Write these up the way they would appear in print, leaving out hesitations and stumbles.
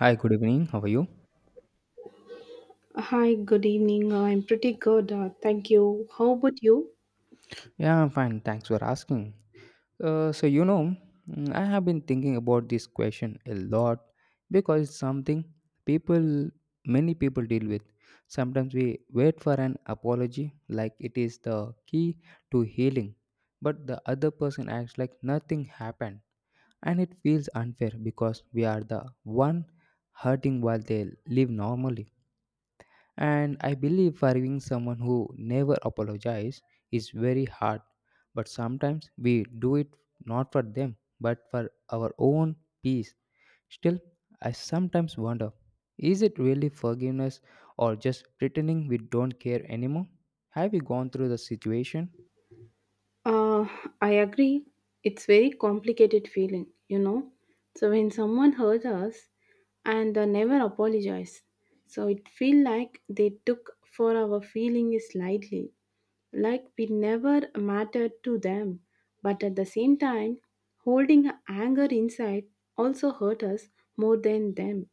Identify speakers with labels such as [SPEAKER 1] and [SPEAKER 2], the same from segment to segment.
[SPEAKER 1] Hi, good evening. How are you?
[SPEAKER 2] Hi, good evening. I'm pretty good. Thank you. How about you?
[SPEAKER 1] Yeah, I'm fine. Thanks for asking. Uh, so, you know, I have been thinking about this question a lot because it's something people, many people deal with. Sometimes we wait for an apology like it is the key to healing, but the other person acts like nothing happened. And it feels unfair because we are the one hurting while they live normally. And I believe forgiving someone who never apologizes is very hard, but sometimes we do it not for them but for our own peace. Still, I sometimes wonder, is it really forgiveness or just pretending we don't care anymore? Have you gone through the situation?
[SPEAKER 2] Uh, I agree. It's very complicated feeling, you know. So when someone hurt us and never apologize, so it feel like they took for our feeling slightly, like we never mattered to them. But at the same time, holding anger inside also hurt us more than them.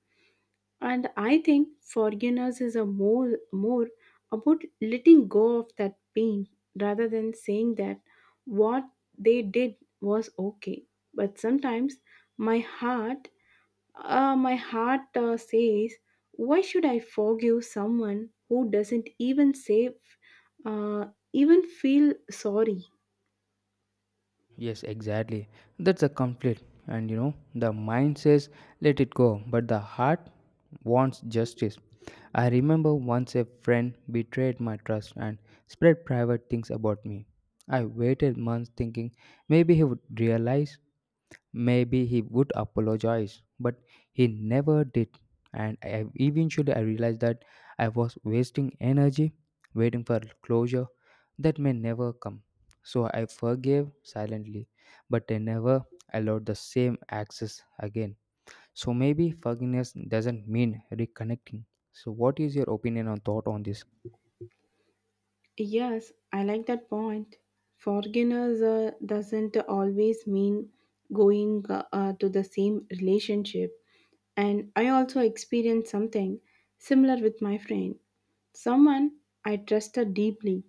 [SPEAKER 2] And I think forgiveness is a more about letting go of that pain rather than saying that what they did was okay. But sometimes my heart, my heart says, why should I forgive someone who doesn't even say, uh, even feel sorry?
[SPEAKER 1] Yes, exactly. That's a conflict. And you know, the mind says let it go, but the heart wants justice. I remember once a friend betrayed my trust and spread private things about me. I waited months thinking maybe he would realize, maybe he would apologize, but he never did. And eventually, I realized that I was wasting energy waiting for closure that may never come. So I forgave silently, but I never allowed the same access again. So maybe forgiveness doesn't mean reconnecting. So, what is your opinion or thought on this?
[SPEAKER 2] Yes, I like that point. Forgiveness doesn't always mean going to the same relationship. And I also experienced something similar with my friend. Someone I trusted deeply,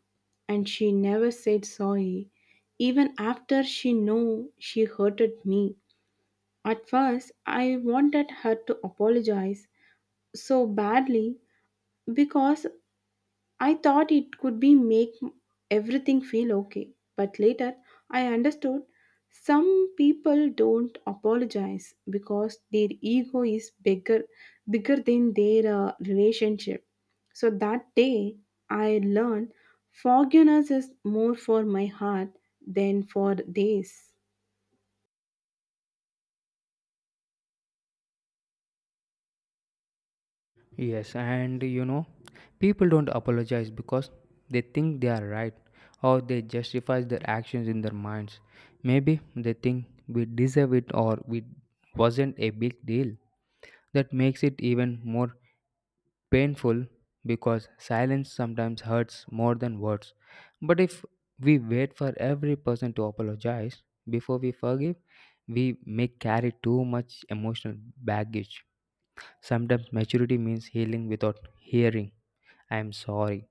[SPEAKER 2] and she never said sorry, even after she knew she hurted me. At first, I wanted her to apologize so badly because I thought it could be make everything feel okay, but later I understood some people don't apologize because their ego is bigger than their relationship. So that day I learned forgiveness is more for my heart than for theirs.
[SPEAKER 1] Yes, and you know, people don't apologize because they think they are right or they justify their actions in their minds. Maybe they think we deserve it or it wasn't a big deal. That makes it even more painful because silence sometimes hurts more than words. But if we wait for every person to apologize before we forgive, we may carry too much emotional baggage. Sometimes maturity means healing without hearing. I am sorry.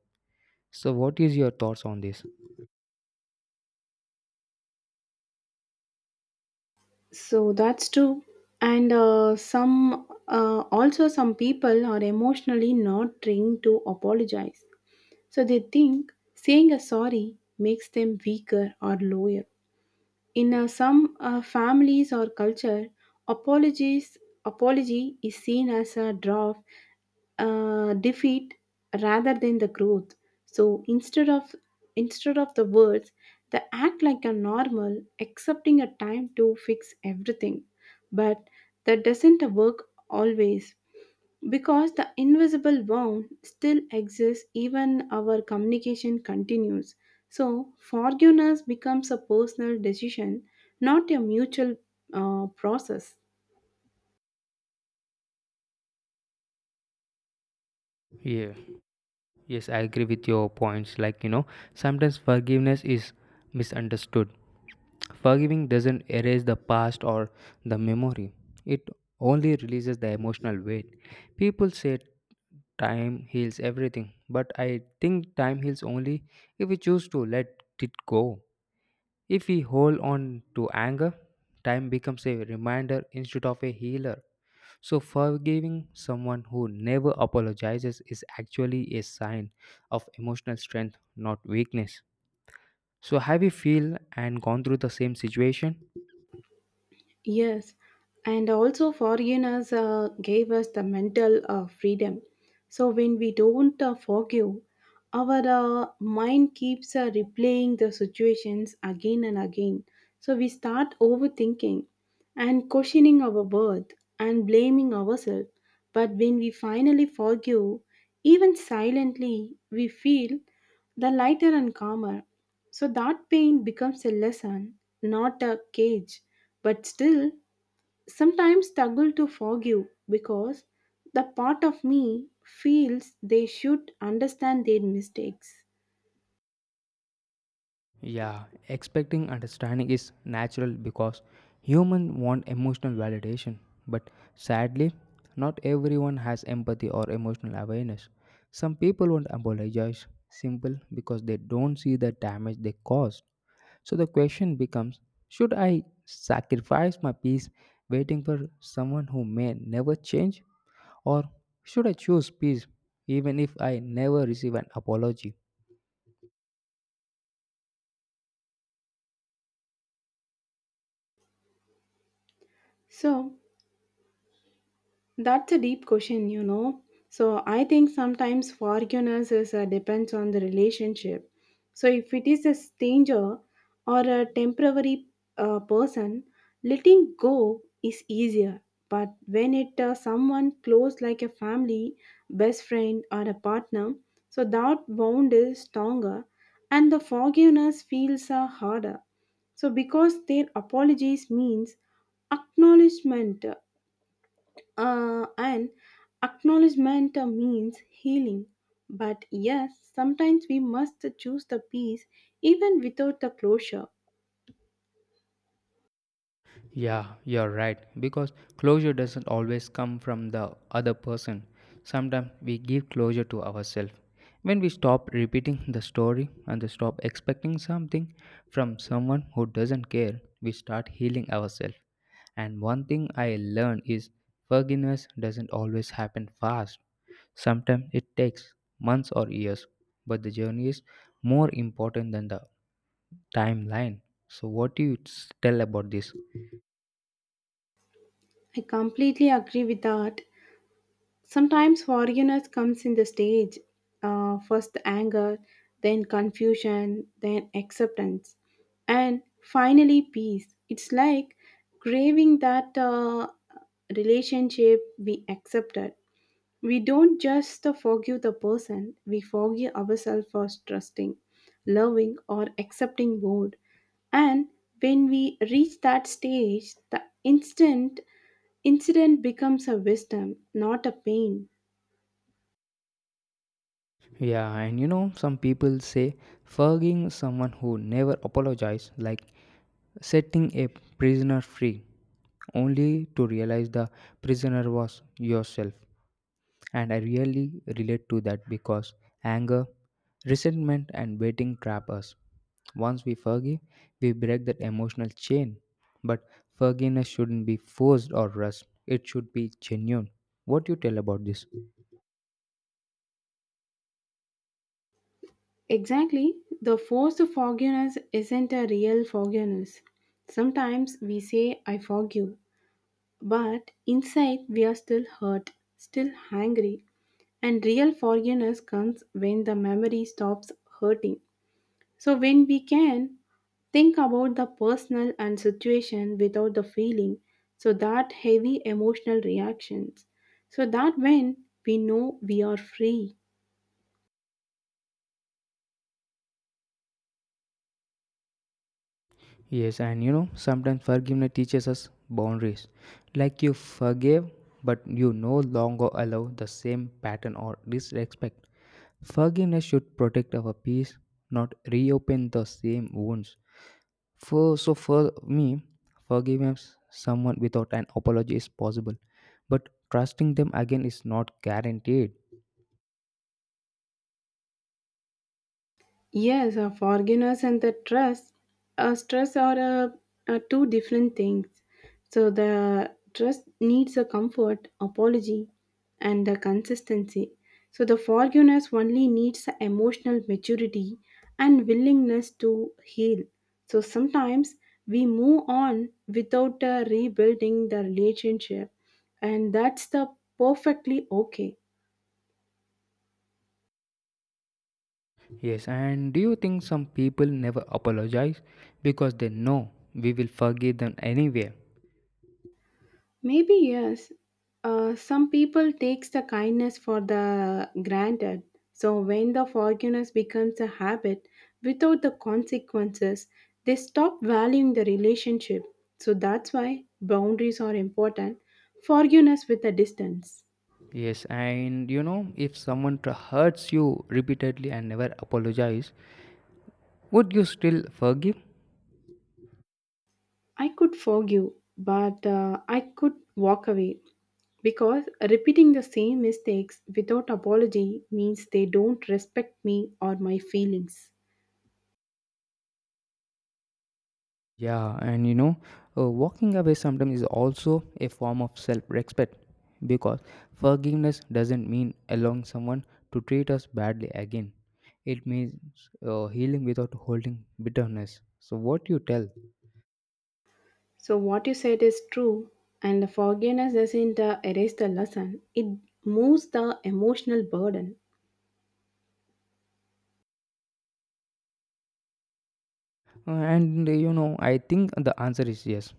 [SPEAKER 1] So, what is your thoughts on this?
[SPEAKER 2] So that's true. And some also some people are emotionally not trained to apologize. So they think saying a sorry makes them weaker or lower. In some families or culture, apologies apology is seen as a draw of defeat rather than the growth. So instead of the words, they act like a normal, accepting a time to fix everything. But that doesn't work always because the invisible wound still exists even our communication continues, so forgiveness becomes a personal decision, not a mutual process.
[SPEAKER 1] Yeah, yes, I agree with your points. Like, you know, sometimes forgiveness is misunderstood. Forgiving doesn't erase the past or the memory, it only releases the emotional weight. People say time heals everything, but I think time heals only if we choose to let it go. If we hold on to anger, time becomes a reminder instead of a healer. So, forgiving someone who never apologizes is actually a sign of emotional strength, not weakness. So, have you feel and gone through the same situation?
[SPEAKER 2] Yes, and also forgiveness gave us the mental freedom. So when we don't forgive, our mind keeps replaying the situations again and again. So we start overthinking and questioning our worth and blaming ourselves. But when we finally forgive, even silently, we feel the lighter and calmer. So that pain becomes a lesson, not a cage, but still sometimes struggle to forgive because the part of me feels they should understand their mistakes.
[SPEAKER 1] Yeah, expecting understanding is natural because humans want emotional validation, but sadly, not everyone has empathy or emotional awareness. Some people won't apologize simple because they don't see the damage they caused. So the question becomes, should I sacrifice my peace waiting for someone who may never change, or should I choose peace even if I never receive an apology?
[SPEAKER 2] So that's a deep question, you know. So I think sometimes forgiveness is, depends on the relationship. So if it is a stranger or a temporary person, letting go is easier. But when it someone close like a family, best friend or a partner, so that bond is stronger, and the forgiveness feels harder. So because their apologies means acknowledgement and acknowledgement means healing. But yes, sometimes we must choose the peace even without the closure.
[SPEAKER 1] Yeah, you're right. Because closure doesn't always come from the other person. Sometimes we give closure to ourselves. When we stop repeating the story and we stop expecting something from someone who doesn't care, we start healing ourselves. And one thing I learned is forgiveness doesn't always happen fast. Sometimes it takes months or years, but the journey is more important than the timeline. So, what do you tell about this?
[SPEAKER 2] I completely agree with that. Sometimes foreigners comes in the stage, first anger, then confusion, then acceptance, and finally peace. It's like craving that relationship we accepted. We don't just forgive the person, we forgive ourselves for trusting, loving, or accepting more. And when we reach that stage, the instant incident becomes a wisdom, not a pain.
[SPEAKER 1] Yeah, and you know, some people say forgiving someone who never apologized, like setting a prisoner free, only to realize the prisoner was yourself. And I really relate to that because anger, resentment, and waiting trap us. Once we forgive, we break that emotional chain. But forgiveness shouldn't be forced or rushed, it should be genuine. What do you tell about this?
[SPEAKER 2] Exactly, the forced forgiveness isn't a real forgiveness. Sometimes we say, I forgive, but inside we are still hurt, still angry. And real forgiveness comes when the memory stops hurting. So when we can think about the personal and situation without the feeling, so that heavy emotional reactions, so that when we know we are free.
[SPEAKER 1] Yes, and you know, sometimes forgiveness teaches us boundaries. Like you forgive, but you no longer allow the same pattern or disrespect. Forgiveness should protect our peace, not reopen the same wounds. For me, forgiving someone without an apology is possible, but trusting them again is not guaranteed.
[SPEAKER 2] Yes, a forgiveness and the trust, stress are two different things. So the trust needs a comfort, apology, and the consistency. So the forgiveness only needs a emotional maturity and willingness to heal. So sometimes we move on without rebuilding the relationship, and that's the perfectly okay.
[SPEAKER 1] Yes, and do you think some people never apologize because they know we will forgive them anyway?
[SPEAKER 2] Maybe yes. Some people takes the kindness for the granted. So when the forgiveness becomes a habit without the consequences, they stop valuing the relationship. So that's why boundaries are important. Forgiveness with a distance.
[SPEAKER 1] Yes, and you know, if someone hurts you repeatedly and never apologize, would you still forgive?
[SPEAKER 2] I could forgive, but I could walk away because repeating the same mistakes without apology means they don't respect me or my feelings.
[SPEAKER 1] Yeah, and you know, walking away sometimes is also a form of self respect because forgiveness doesn't mean allowing someone to treat us badly again. It means healing without holding bitterness. So, what you tell?
[SPEAKER 2] So, what you said is true, and the forgiveness doesn't erase the lesson, it moves the emotional burden.
[SPEAKER 1] And you know, I think the answer is yes.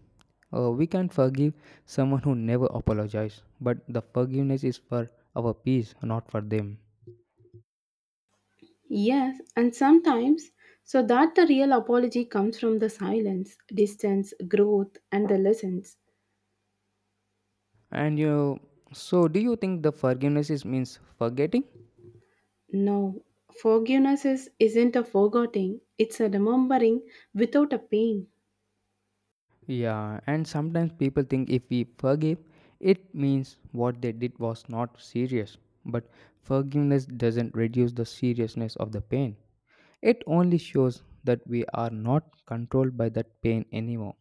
[SPEAKER 1] We can forgive someone who never apologizes, but the forgiveness is for our peace, not for them.
[SPEAKER 2] Yes, and sometimes, so that the real apology comes from the silence, distance, growth, and the lessons.
[SPEAKER 1] And you, so do you think the forgiveness is means forgetting?
[SPEAKER 2] No, forgiveness is, isn't a forgetting, it's a remembering without a pain.
[SPEAKER 1] Yeah, and sometimes people think if we forgive, it means what they did was not serious. But forgiveness doesn't reduce the seriousness of the pain. It only shows that we are not controlled by that pain anymore.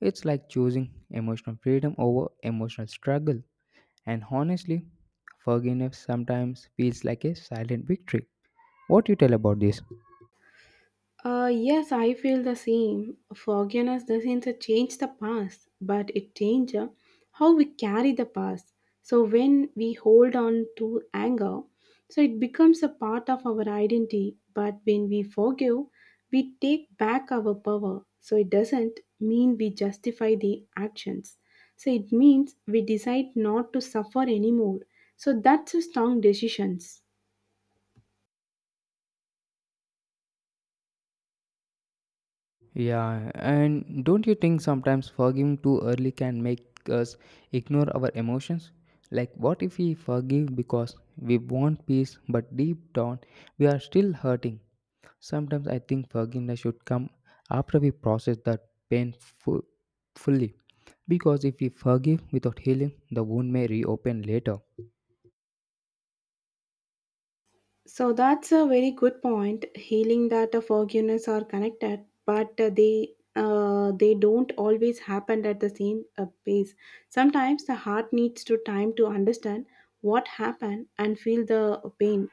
[SPEAKER 1] It's like choosing emotional freedom over emotional struggle. And honestly, forgiveness sometimes feels like a silent victory. What you tell about this?
[SPEAKER 2] Yes, I feel the same. Forgiveness doesn't change the past, but it changes how we carry the past. So when we hold on to anger, so it becomes a part of our identity. But when we forgive, we take back our power. So it doesn't mean we justify the actions. So it means we decide not to suffer anymore. So that's a strong decisions.
[SPEAKER 1] Yeah, and don't you think sometimes forgiving too early can make us ignore our emotions? Like, what if we forgive because we want peace, but deep down we are still hurting? Sometimes I think forgiveness should come after we process that pain fu- fully. Because if we forgive without healing, the wound may reopen later.
[SPEAKER 2] So that's a very good point. Healing that forgiveness are connected, but they don't always happen at the same pace. Sometimes the heart needs to time to understand what happened and feel the pain.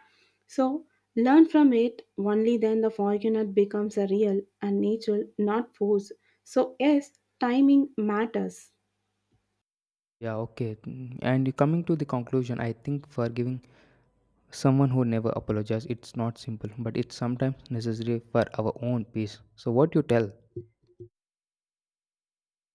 [SPEAKER 2] So learn from it. Only then the forgiveness becomes a real and natural, not forced. So yes, timing matters.
[SPEAKER 1] Yeah, okay. And coming to the conclusion, I think forgiving someone who never apologizes, it's not simple, but it's sometimes necessary for our own peace. So what you tell?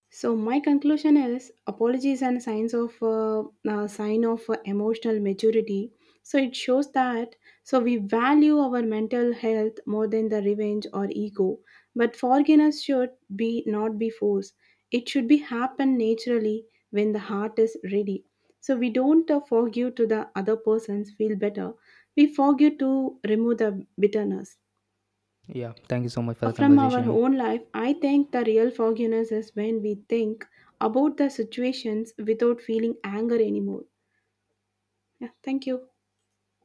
[SPEAKER 2] So my conclusion is apologies and sign of emotional maturity. So it shows that so we value our mental health more than the revenge or ego. But forgiveness should be not be forced. It should be happen naturally when the heart is ready. So we don't forgive to the other persons feel better. We forgive to remove the bitterness.
[SPEAKER 1] Yeah, thank you so much for the
[SPEAKER 2] From our
[SPEAKER 1] conversation.
[SPEAKER 2] own life, I think the real forgiveness is when we think about the situations without feeling anger anymore. Yeah, thank you.